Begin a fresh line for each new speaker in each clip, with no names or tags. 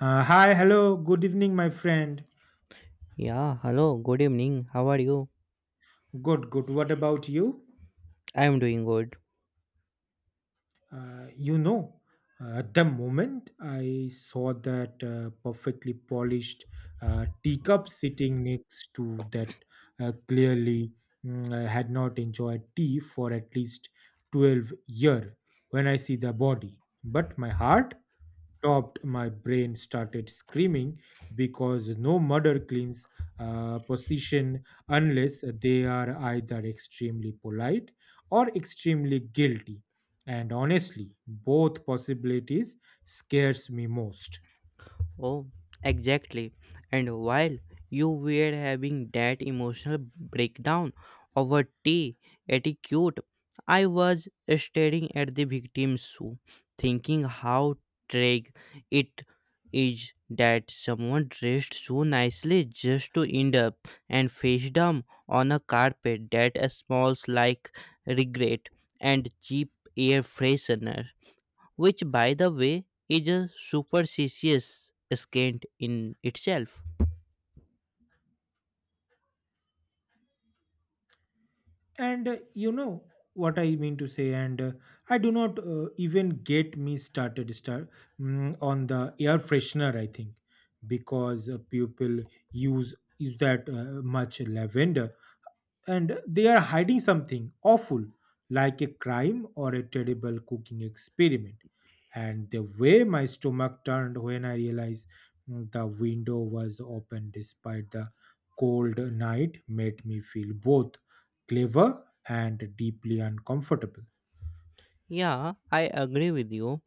Hi, hello, good evening, my friend.
Yeah, hello, good evening. How are you?
Good, good. What about you?
I am doing good.
Uh, you know, at the moment I saw that perfectly polished teacup sitting next to that clearly, I had not enjoyed tea for at least 12-year when I see the body. But my heart stopped, my brain started screaming because no mother cleans position unless they are either extremely polite or extremely guilty. And honestly, both possibilities scares me most.
Oh, exactly. And while you were having that emotional breakdown over tea etiquette, I was staring at the victim's shoe, thinking how tragic it is that someone dressed so nicely just to end up and face down on a carpet that smells like regret and cheap air freshener, which, by the way, is a superstitious scant in itself.
And you know what I mean to say. And I do not even get me started, on the air freshener. I think because people use that much lavender and they are hiding something awful like a crime or a terrible cooking experiment. And the way my stomach turned when I realized the window was open despite the cold night made me feel both clever and deeply uncomfortable.
Yeah, I agree with you,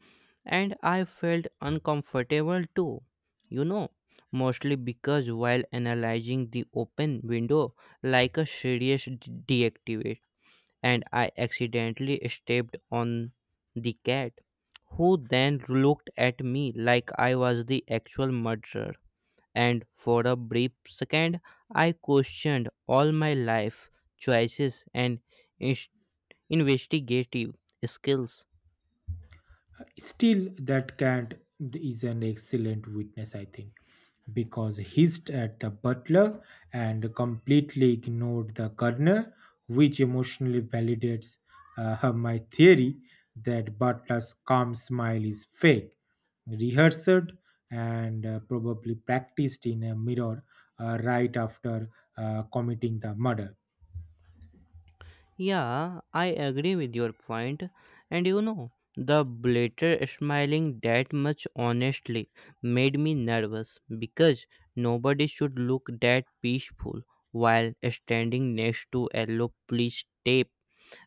and I felt uncomfortable too, you know, mostly because while analyzing the open window like a serious deactivate, and I accidentally stepped on the cat, who then looked at me like I was the actual murderer. And for a brief second I questioned all my life choices and ins- investigative skills.
Still, that cat is an excellent witness, I think, because hissed at the butler and completely ignored the gardener, which emotionally validates my theory that butler's calm smile is fake, rehearsed, and probably practiced in a mirror right after committing the murder.
Yeah, I agree with your point. And you know, the blater smiling that much honestly made me nervous because nobody should look that peaceful while standing next to yellow police tape.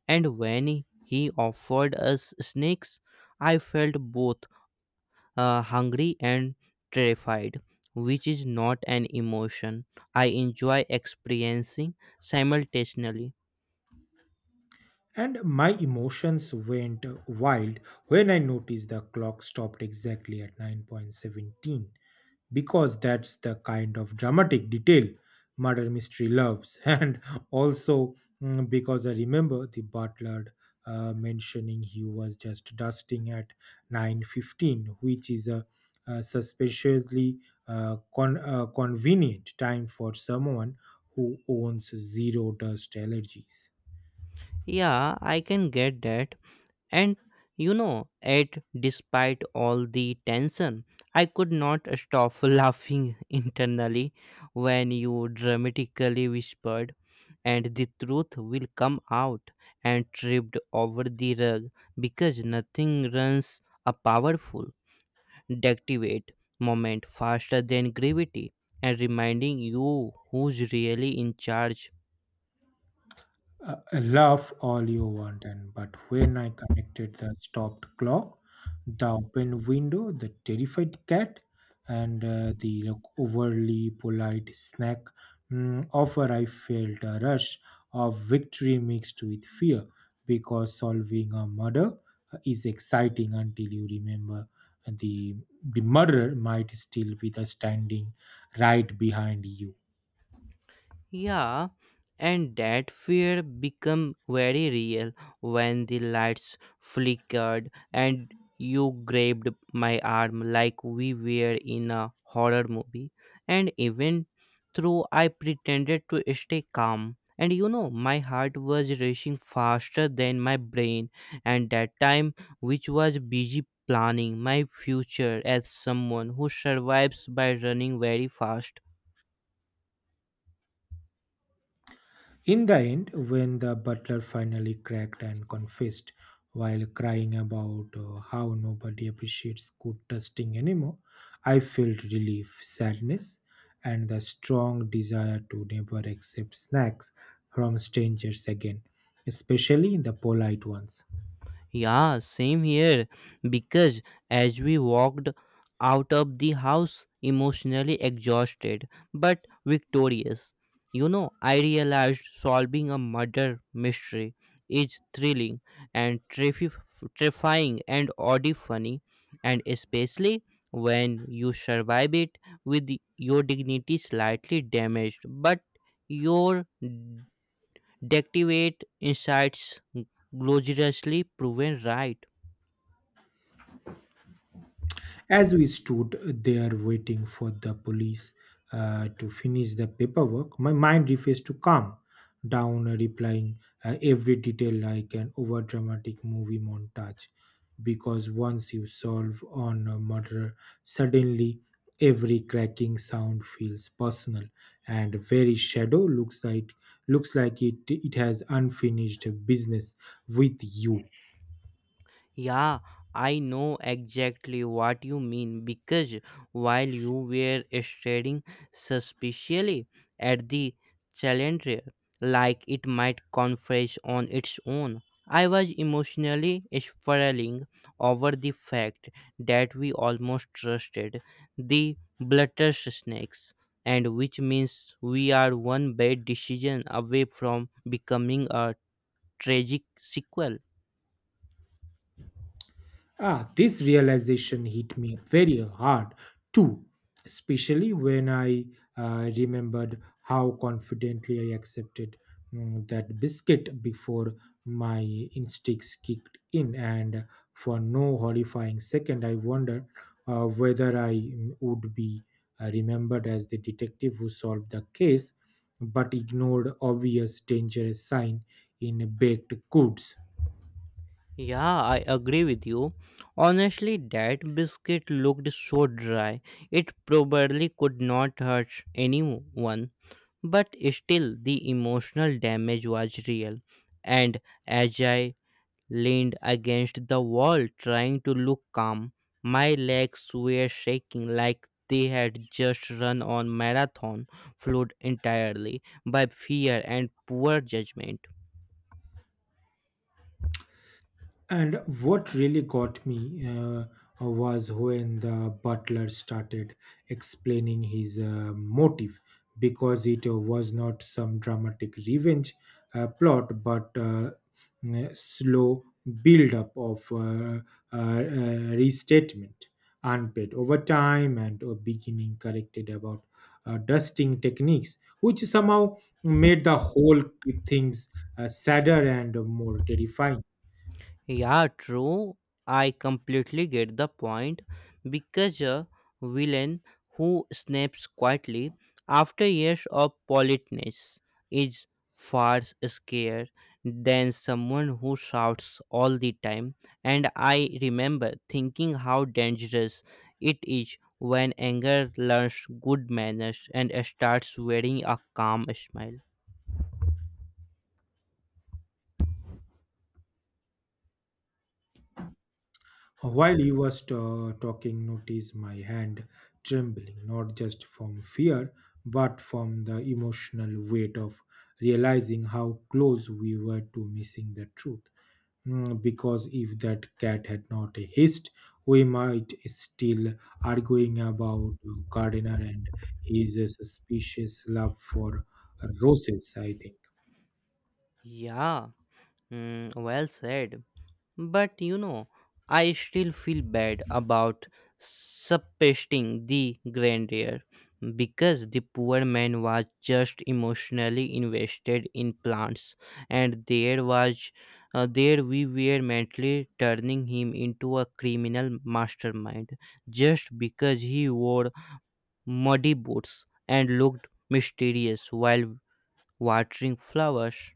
And when he offered us snakes, I felt both hungry and terrified, which is not an emotion I enjoy experiencing simultaneously.
And my emotions went wild when I noticed the clock stopped exactly at 9:17, because that's the kind of dramatic detail murder mystery loves and also, because I remember the butler mentioning he was just dusting at 9:15, which is a suspiciously convenient time for someone who owns zero dust allergies.
Yeah, I can get that. And you know, yet despite all the tension, I could not stop laughing internally when you dramatically whispered, and the truth will come out and tripped over the rug because nothing runs a powerful deactivate moment faster than gravity and reminding you who's really in charge.
Laugh all you want, and but when I connected the stopped clock, the open window, the terrified cat, and the like, overly polite snack offer, I felt a rush of victory mixed with fear because solving a murder is exciting until you remember the murderer might still be the standing right behind you.
Yeah, and that fear become very real when the lights flickered and you grabbed my arm like we were in a horror movie. And even though I pretended to stay calm, and you know, my heart was racing faster than my brain, and that time, which was busy planning my future as someone who survives by running very fast.
In the end, when the butler finally cracked and confessed while crying about how nobody appreciates good testing anymore, I felt relief, sadness, and the strong desire to never accept snacks from strangers again, especially the polite ones.
Yeah, same here. Because as we walked out of the house, emotionally exhausted but victorious, you know, I realized solving a murder mystery is thrilling and terrifying and oddly funny, and especially when you survive it with your dignity slightly damaged, but your deactivate insights gloriously proven right.
As we stood there waiting for the police to finish the paperwork, my mind refused to calm down, replying every detail like an overdramatic movie montage. Because once you solve on a murder, suddenly every cracking sound feels personal, and very shadow looks like it has unfinished business with you.
Yeah, I know exactly what you mean because while you were staring suspiciously at the chandelier, like it might confess on its own, I was emotionally spiraling over the fact that we almost trusted the snakes, and which means we are one bad decision away from becoming a tragic sequel.
Ah, this realization hit me very hard too, especially when I remembered how confidently I accepted that biscuit before my instincts kicked in, and for no horrifying second, I wondered whether I would be remembered as the detective who solved the case but ignored obvious dangerous sign in baked goods.
Yeah, I agree with you. Honestly, that biscuit looked so dry. It probably could not hurt anyone. But still, the emotional damage was real. And as I leaned against the wall trying to look calm, my legs were shaking like they had just run on marathon, flawed entirely by fear and poor judgment.
And what really got me was when the butler started explaining his motive, because it was not some dramatic revenge plot but slow build up of restatement unpaid over time and beginning corrected about dusting techniques, which somehow made the whole things sadder and more terrifying.
Yeah, true. I completely get the point because a villain who snaps quietly after years of politeness is far scarier than someone who shouts all the time. And I remember thinking how dangerous it is when anger learns good manners and starts wearing a calm smile.
While he was talking, notice my hand trembling, not just from fear, but from the emotional weight of realizing how close we were to missing the truth. Because if that cat had not hissed, we might still arguing about Gardiner and his suspicious love for roses, I think.
Yeah, well said. But you know, I still feel bad about suppressing the grandeur because the poor man was just emotionally invested in plants, and there we were mentally turning him into a criminal mastermind just because he wore muddy boots and looked mysterious while watering flowers.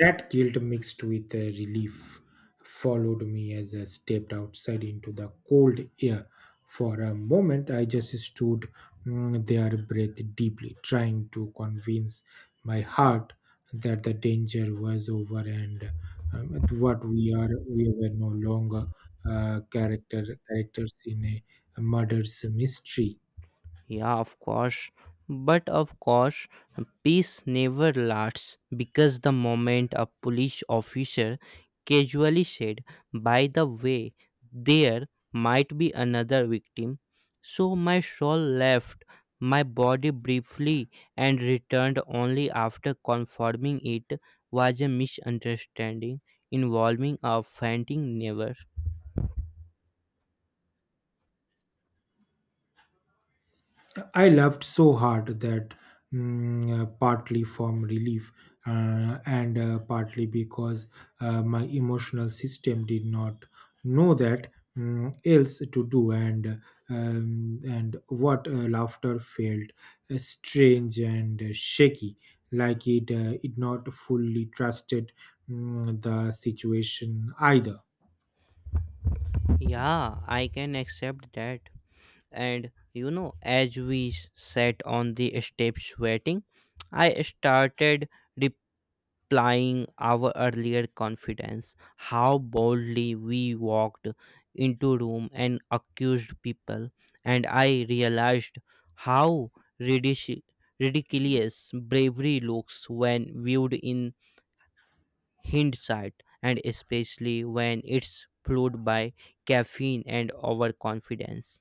That guilt mixed with a relief followed me as I stepped outside into the cold air. For a moment, I just stood there, breathed deeply, trying to convince my heart that the danger was over and what we are we were no longer characters in a murder's mystery.
Yeah, of course. But of course, peace never lasts because the moment a police officer casually said, "By the way, there might be another victim," so my soul left my body briefly and returned only after confirming it was a misunderstanding involving a fainting neighbor.
I laughed so hard that, partly from relief and partly because my emotional system did not know that else to do, and what laughter felt strange and shaky, like it not fully trusted the situation either.
Yeah, I can accept that. And you know, as we sat on the steps waiting, I started replying our earlier confidence, how boldly we walked into room and accused people, and I realized how ridic- ridiculous bravery looks when viewed in hindsight, and especially when it's fueled by caffeine and overconfidence.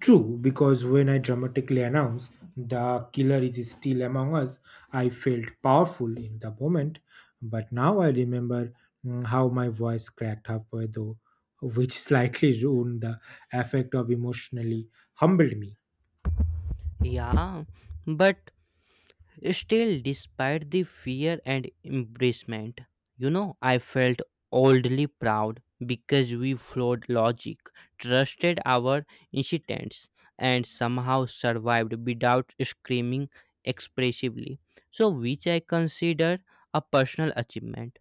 True, because when I dramatically announced the killer is still among us, I felt powerful in the moment. But now I remember how my voice cracked halfway through, which slightly ruined the effect of emotionally humbled me.
Yeah, but still, despite the fear and embarrassment, you know, I felt oddly proud because we flawed logic, trusted our instincts, and somehow survived without screaming expressively. So, which I consider a personal achievement.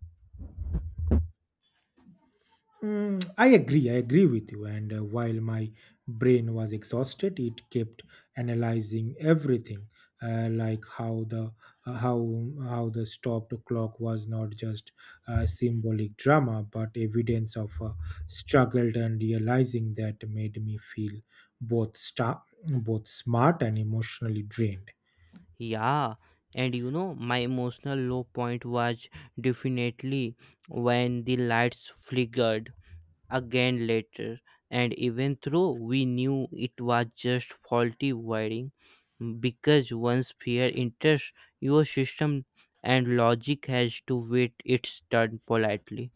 I agree. I agree with you. And while my brain was exhausted, it kept analyzing everything, like how the stopped clock was not just symbolic drama, but evidence of struggled, and realizing that made me feel both smart and emotionally drained.
Yeah, and you know, my emotional low point was definitely when the lights flickered again later. And even though we knew it was just faulty wiring, because once fear enters your system and logic has to wait its turn politely.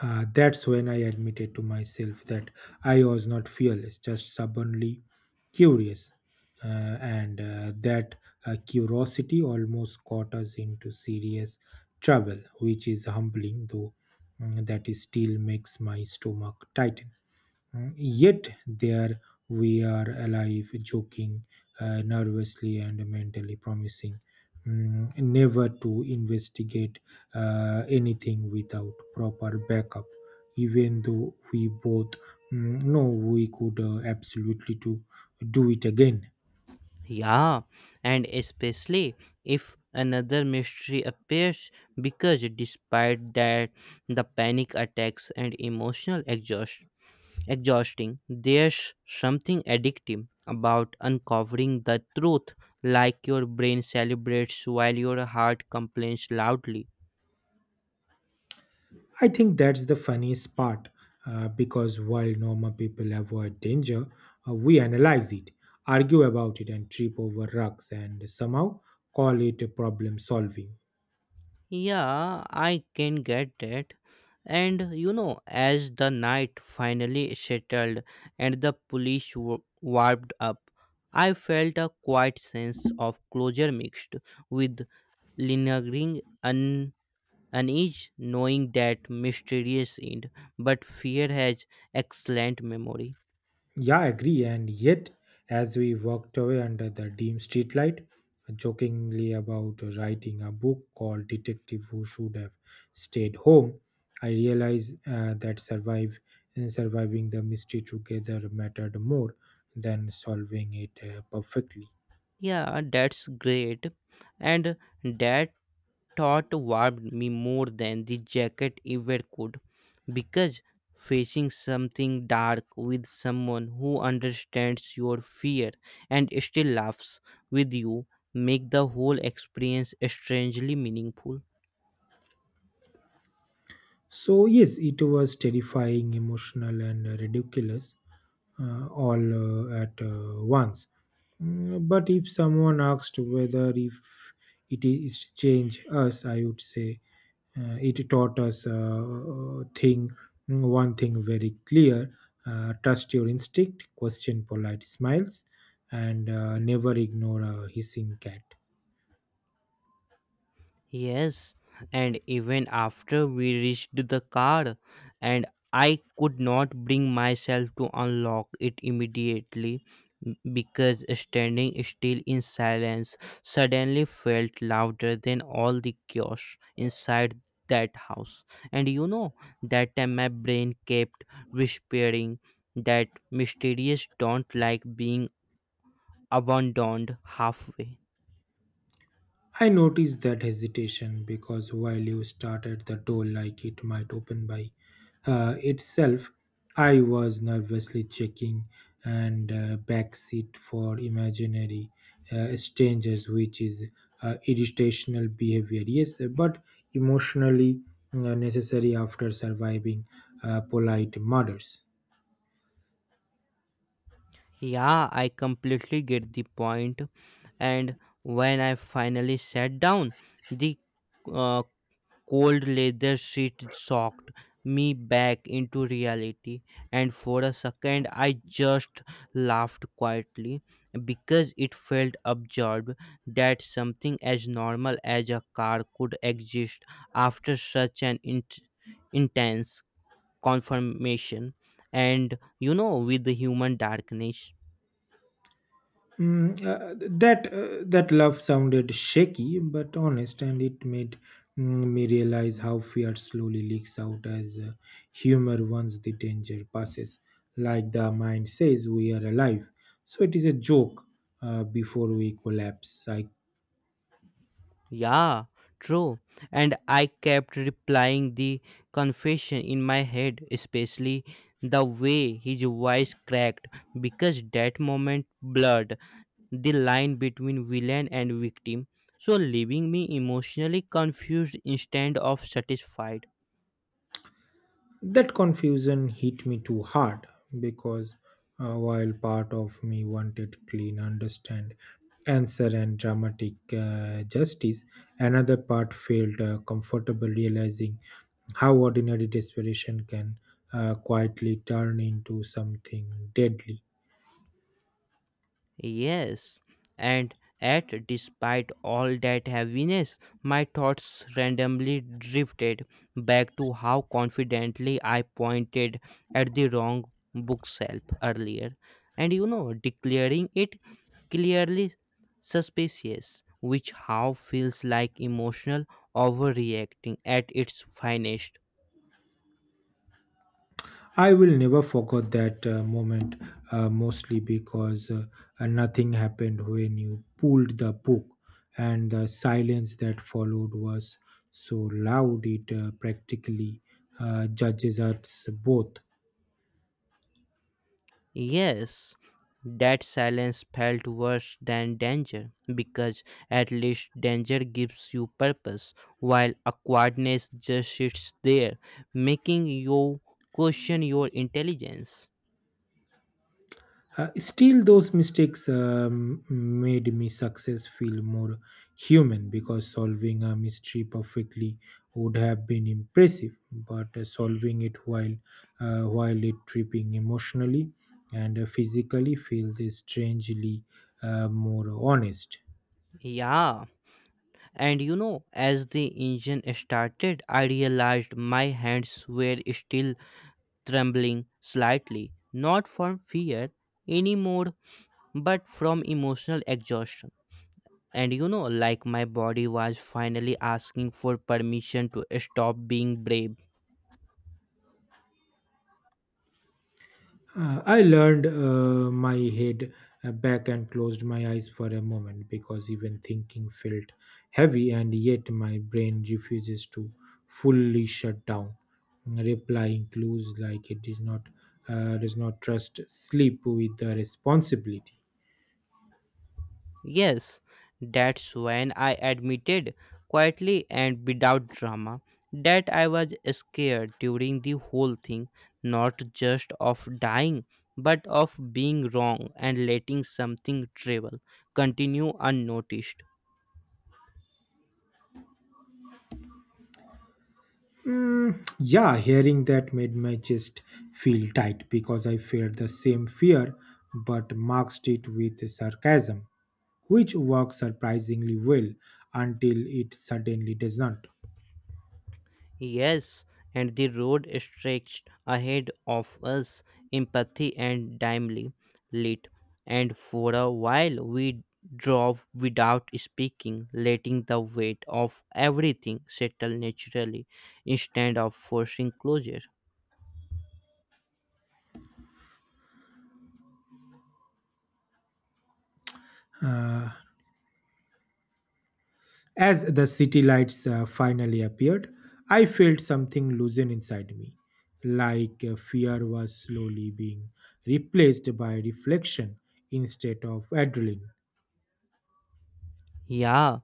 That's when I admitted to myself that I was not fearless, just stubbornly curious, and that curiosity almost got us into serious trouble, which is humbling, though that is still makes my stomach tighten. Yet there we are alive, joking nervously and mentally promising never to investigate anything without proper backup, even though we both know we could absolutely to do it again.
Yeah, and especially if another mystery appears, because despite that, the panic attacks and emotional exhausting, there's something addictive about uncovering the truth, like your brain celebrates while your heart complains loudly.
I think that's the funniest part because while normal people avoid danger, we analyze it, argue about it, and trip over rugs and somehow call it a problem solving.
Yeah, I can get that. And you know, as the night finally settled and the police warmed up, I felt a quiet sense of closure mixed with lingering unease, knowing that mysterious end, but fear has excellent memory.
Yeah, I agree. And yet, as we walked away under the dim streetlight, jokingly about writing a book called Detective Who Should Have Stayed Home, I realized that survive and surviving the mystery together mattered more than solving it perfectly.
Yeah, that's great. And that thought warmed me more than the jacket ever could, because facing something dark with someone who understands your fear and still laughs with you make the whole experience strangely meaningful.
So yes, it was terrifying, emotional, and ridiculous, all at once. But if someone asked whether if it is change us, I would say it taught us thing one thing very clear: trust your instinct, question polite smiles, and never ignore a hissing cat.
Yes, and even after we reached the car, and I could not bring myself to unlock it immediately because standing still in silence suddenly felt louder than all the chaos inside that house. And you know, that time my brain kept whispering that mysterious don't like being abandoned halfway.
I noticed that hesitation because while you started the door like it might open by itself, I was nervously checking and backseat for imaginary strangers, which is irritational behavior. Yes, but emotionally necessary after surviving polite murders.
Yeah, I completely get the point. And when I finally sat down, the uh, cold leather seat shocked me back into reality. And for a second, I just laughed quietly because it felt absurd that something as normal as a car could exist after such an intense confirmation, and you know, with the human darkness.
That love sounded shaky but honest, and it made me realize how fear slowly leaks out as humor once the danger passes. Like the mind says, we are alive, so it is a joke before we collapse. I.
Yeah, true. And I kept replying the confession in my head, especially the way his voice cracked, because that moment blurred the line between villain and victim, so leaving me emotionally confused instead of satisfied.
That confusion hit me too hard because while part of me wanted clean understand answer and dramatic justice, another part felt comfortable realizing how ordinary desperation can quietly turn into something deadly.
Yes, and at despite all that heaviness, my thoughts randomly drifted back to how confidently I pointed at the wrong bookshelf earlier, and you know, declaring it clearly suspicious, which how feels like emotional overreacting at its finest.
I will never forget that moment, mostly because nothing happened when you pulled the book, and the silence that followed was so loud it practically judges us both.
Yes, that silence felt worse than danger because at least danger gives you purpose, while awkwardness just sits there, making you question your intelligence.
Still, those mistakes made me success feel more human, because solving a mystery perfectly would have been impressive, but solving it while it tripping emotionally and physically feels strangely more honest.
Yeah, and you know, as the engine started, I realized my hands were still trembling slightly, not from fear anymore, but from emotional exhaustion, and you know, like my body was finally asking for permission to stop being brave.
I learned my head back and closed my eyes for a moment because even thinking felt heavy, and yet my brain refuses to fully shut down, replying clues like it does not trust sleep with the responsibility.
Yes, that's when I admitted quietly and without drama that I was scared during the whole thing, not just of dying but of being wrong and letting something travel continue unnoticed.
Yeah, hearing that made my chest feel tight because I felt the same fear but masked it with sarcasm, which worked surprisingly well until it suddenly does not.
Yes, and the road stretched ahead of us, empathy and dimly lit. And for a while we drove without speaking, letting the weight of everything settle naturally instead of forcing closure.
Uh, as the city lights finally appeared, I felt something loosen inside me, like fear was slowly being replaced by reflection instead of adrenaline.
Yeah,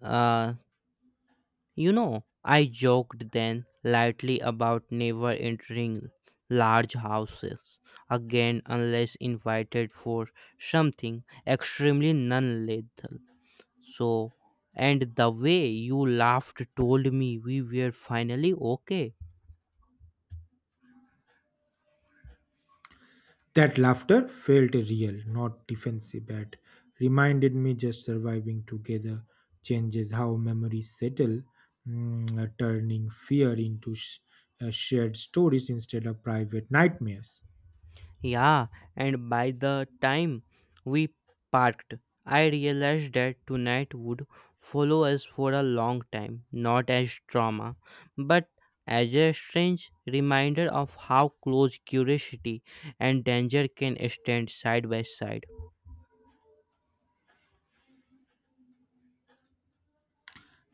uh, you know, I joked then lightly about never entering large houses again unless invited for something extremely non lethal. So, and the way you laughed told me we were finally okay.
That laughter felt real, not defensive, but reminded me just surviving together changes how memories settle, turning fear into shared stories instead of private nightmares.
Yeah, and by the time we parked, I realized that tonight would follow us for a long time, not as trauma, but as a strange reminder of how close curiosity and danger can stand side by side.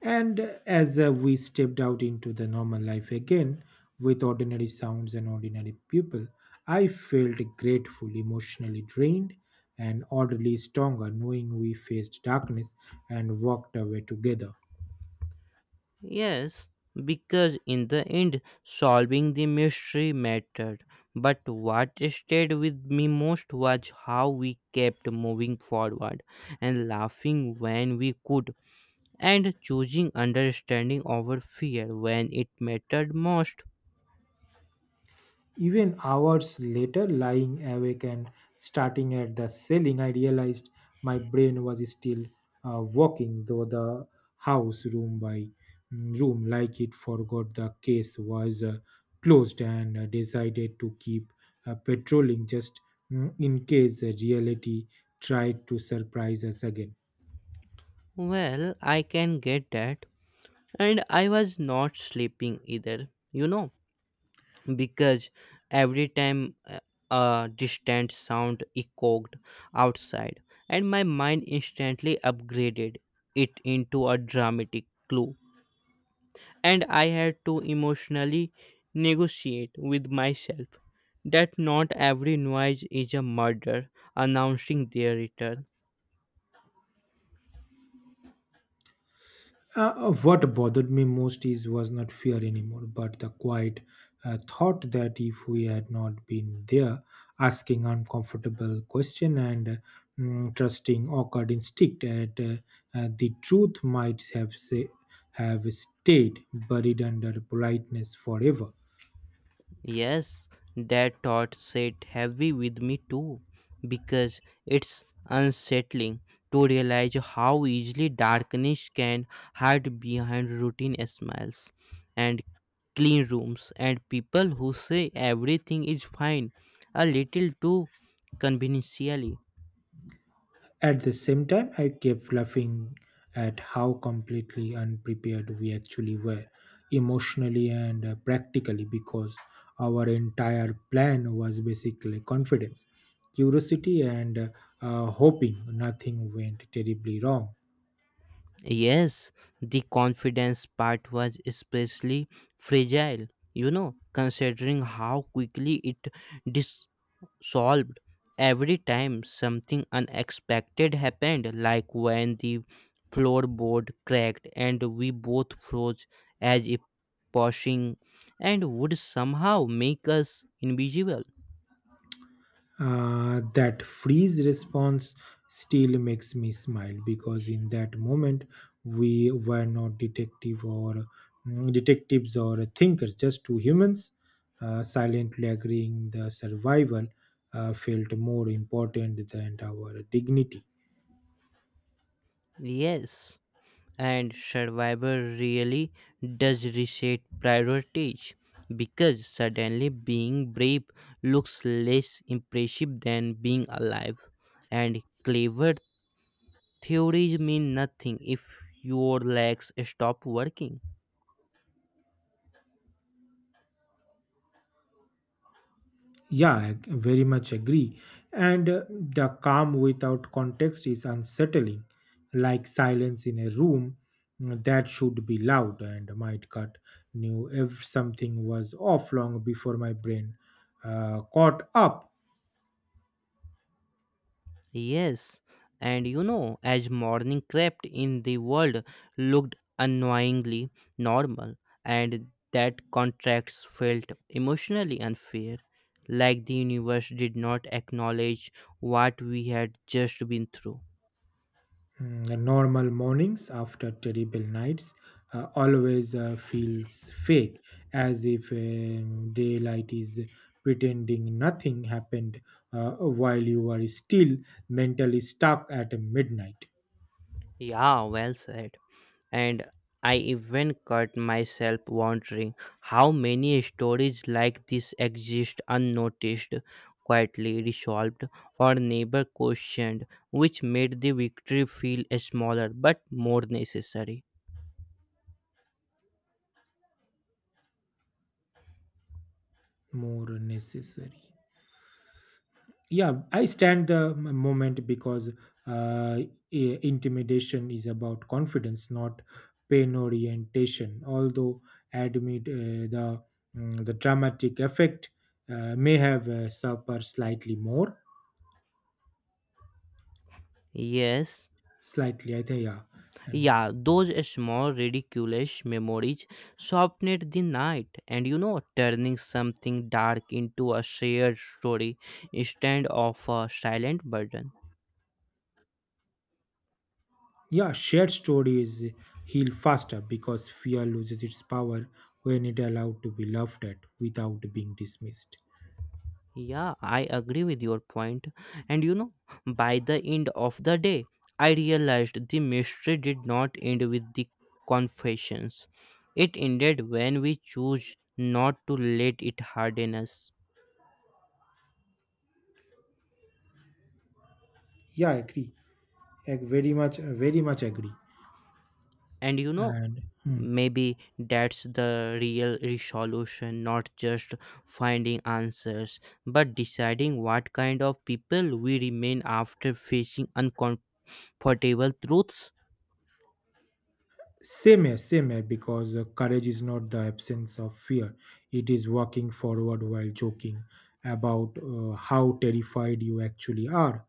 And as we stepped out into the normal life again, with ordinary sounds and ordinary people, I felt grateful, emotionally drained, and orderly stronger, knowing we faced darkness and walked away together.
Yes, because in the end, solving the mystery mattered. But what stayed with me most was how we kept moving forward and laughing when we could, and choosing understanding over fear when it mattered most.
Even hours later, lying awake and starting at the ceiling, I realized my brain was still walking through the house room by room, like it forgot the case was closed and decided to keep patrolling just in case reality tried to surprise us again.
Well, I can get that. And I was not sleeping either, you know, because every time a distant sound echoed outside, and my mind instantly upgraded it into a dramatic clue. And I had to emotionally negotiate with myself that not every noise is a murder announcing their return.
What bothered me most is was not fear anymore, but the quiet thought that if we had not been there, asking uncomfortable question and trusting awkward instinct, the truth might have stayed buried under politeness forever.
Yes, that thought sat heavy with me too, because it's unsettling to realize how easily darkness can hide behind routine smiles and clean rooms and people who say everything is fine a little too conveniently.
At the same time, I kept laughing at how completely unprepared we actually were, emotionally and practically, because our entire plan was basically confidence, curiosity, and hoping nothing went terribly wrong.
Yes, the confidence part was especially fragile, you know, considering how quickly it solved every time something unexpected happened, like when the floorboard cracked and we both froze as if pushing and would somehow make us invisible.
That freeze response still makes me smile because in that moment we were not detectives or thinkers, just two humans silently agreeing the survival felt more important than our dignity.
Yes, and Survivor really does reset priorities because suddenly being brave looks less impressive than being alive and clever. Theories mean nothing if your legs stop working.
Yeah, I very much agree. And the calm without context is unsettling, like silence in a room that should be loud and might cut knew if something was off long before my brain caught up.
Yes, and you know, as morning crept in, the world looked annoyingly normal, and that contracts felt emotionally unfair, like the universe did not acknowledge what we had just been through.
The normal mornings after terrible nights always feels fake, as if daylight is pretending nothing happened while you are still mentally stuck at midnight.
Yeah, well said. And I even caught myself wondering how many stories like this exist unnoticed, quietly resolved, or never questioned, which made the victory feel smaller but more necessary.
More necessary. Yeah, I stand the moment because uh, intimidation is about confidence, not pain orientation, although admit the dramatic effect may have suffered slightly more.
Yes,
Slightly, I think. Yeah, and
yeah, those small ridiculous memories softened the night, and you know, turning something dark into a shared story instead of a silent burden.
yeah, shared stories heal faster because fear loses its power when it allowed to be laughed at without being dismissed.
Yeah, I agree with your point. And you know, by the end of the day, I realized the mystery did not end with the confessions. It ended when we choose not to let it harden us.
Yeah, I agree. I very much, very much agree.
And you know,
And hmm.
maybe that's the real resolution, not just finding answers, but deciding what kind of people we remain after facing uncomfortable truths.
Same here, because courage is not the absence of fear. It is walking forward while joking about how terrified you actually are.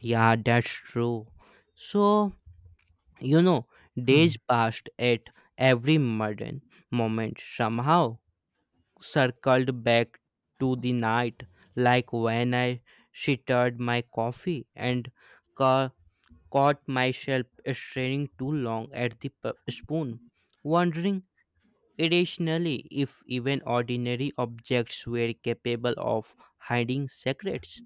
Yeah, that's true. So, you know,
Hmm.
days passed at every modern moment somehow circled back to the night, like when I stirred my coffee and ca- caught myself staring too long at the spoon, wondering irrationally if even ordinary objects were capable of hiding secrets.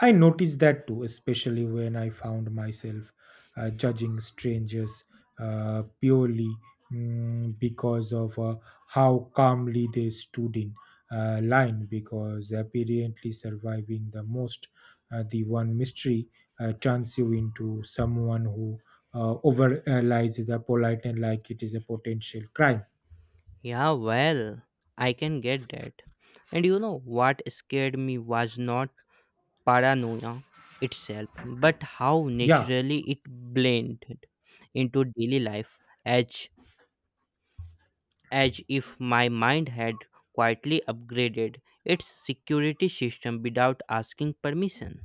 I noticed that too, especially when I found myself judging strangers purely, because of how calmly they stood in line, because apparently surviving the one mystery turns you into someone who overanalyzes the politeness like it is a potential crime.
Yeah, well, I can get that. And you know what scared me was not paranoia itself, but how
Yeah.
naturally it blended into daily life, as if my mind had quietly upgraded its security system without asking permission.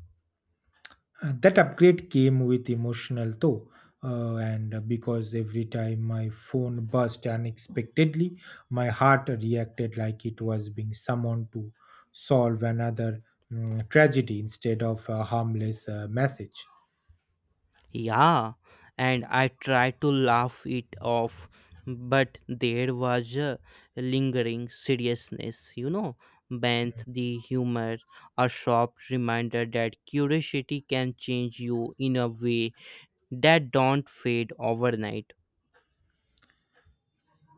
That upgrade came with emotional though, and because every time my phone burst unexpectedly my heart reacted like it was being summoned to solve another tragedy instead of a harmless message.
Yeah, and I tried to laugh it off, but there was a lingering seriousness, you know, beneath the humor, a sharp reminder that curiosity can change you in a way that don't fade overnight.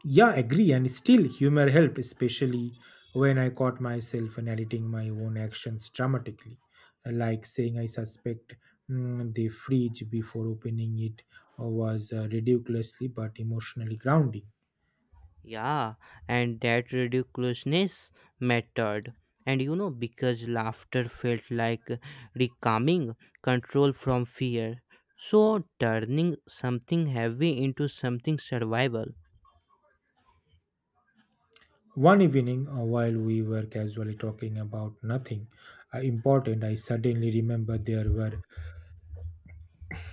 Yeah, agree. And still, humor helped, especially when I caught myself narrating my own actions dramatically, like saying I suspect the fridge before opening it was ridiculously but emotionally grounding.
Yeah, and that ridiculousness mattered. And you know, because laughter felt like recalming control from fear. So, turning something heavy into something survival.
One evening, while we were casually talking about nothing important, I suddenly remembered there were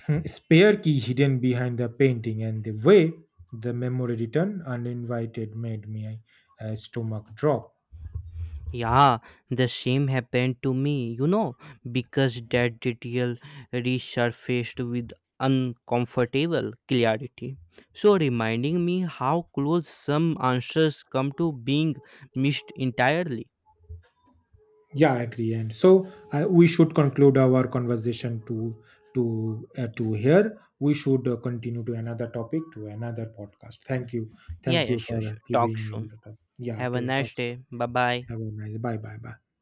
spare key hidden behind the painting, and the way the memory returned uninvited made my stomach drop.
Yeah, the same happened to me, you know, because that detail resurfaced with uncomfortable clarity. So, reminding me how close some answers come to being missed entirely.
Yeah, I agree. And so we should conclude our conversation to here. We should continue to another topic, to another podcast.
Yeah,
Thank
yeah,
you
sure,
for
sure. Talk
giving you
soon.
the top. Yeah,
Have a
to talk.
nice day. Bye bye.
Have a nice. Bye, bye, bye.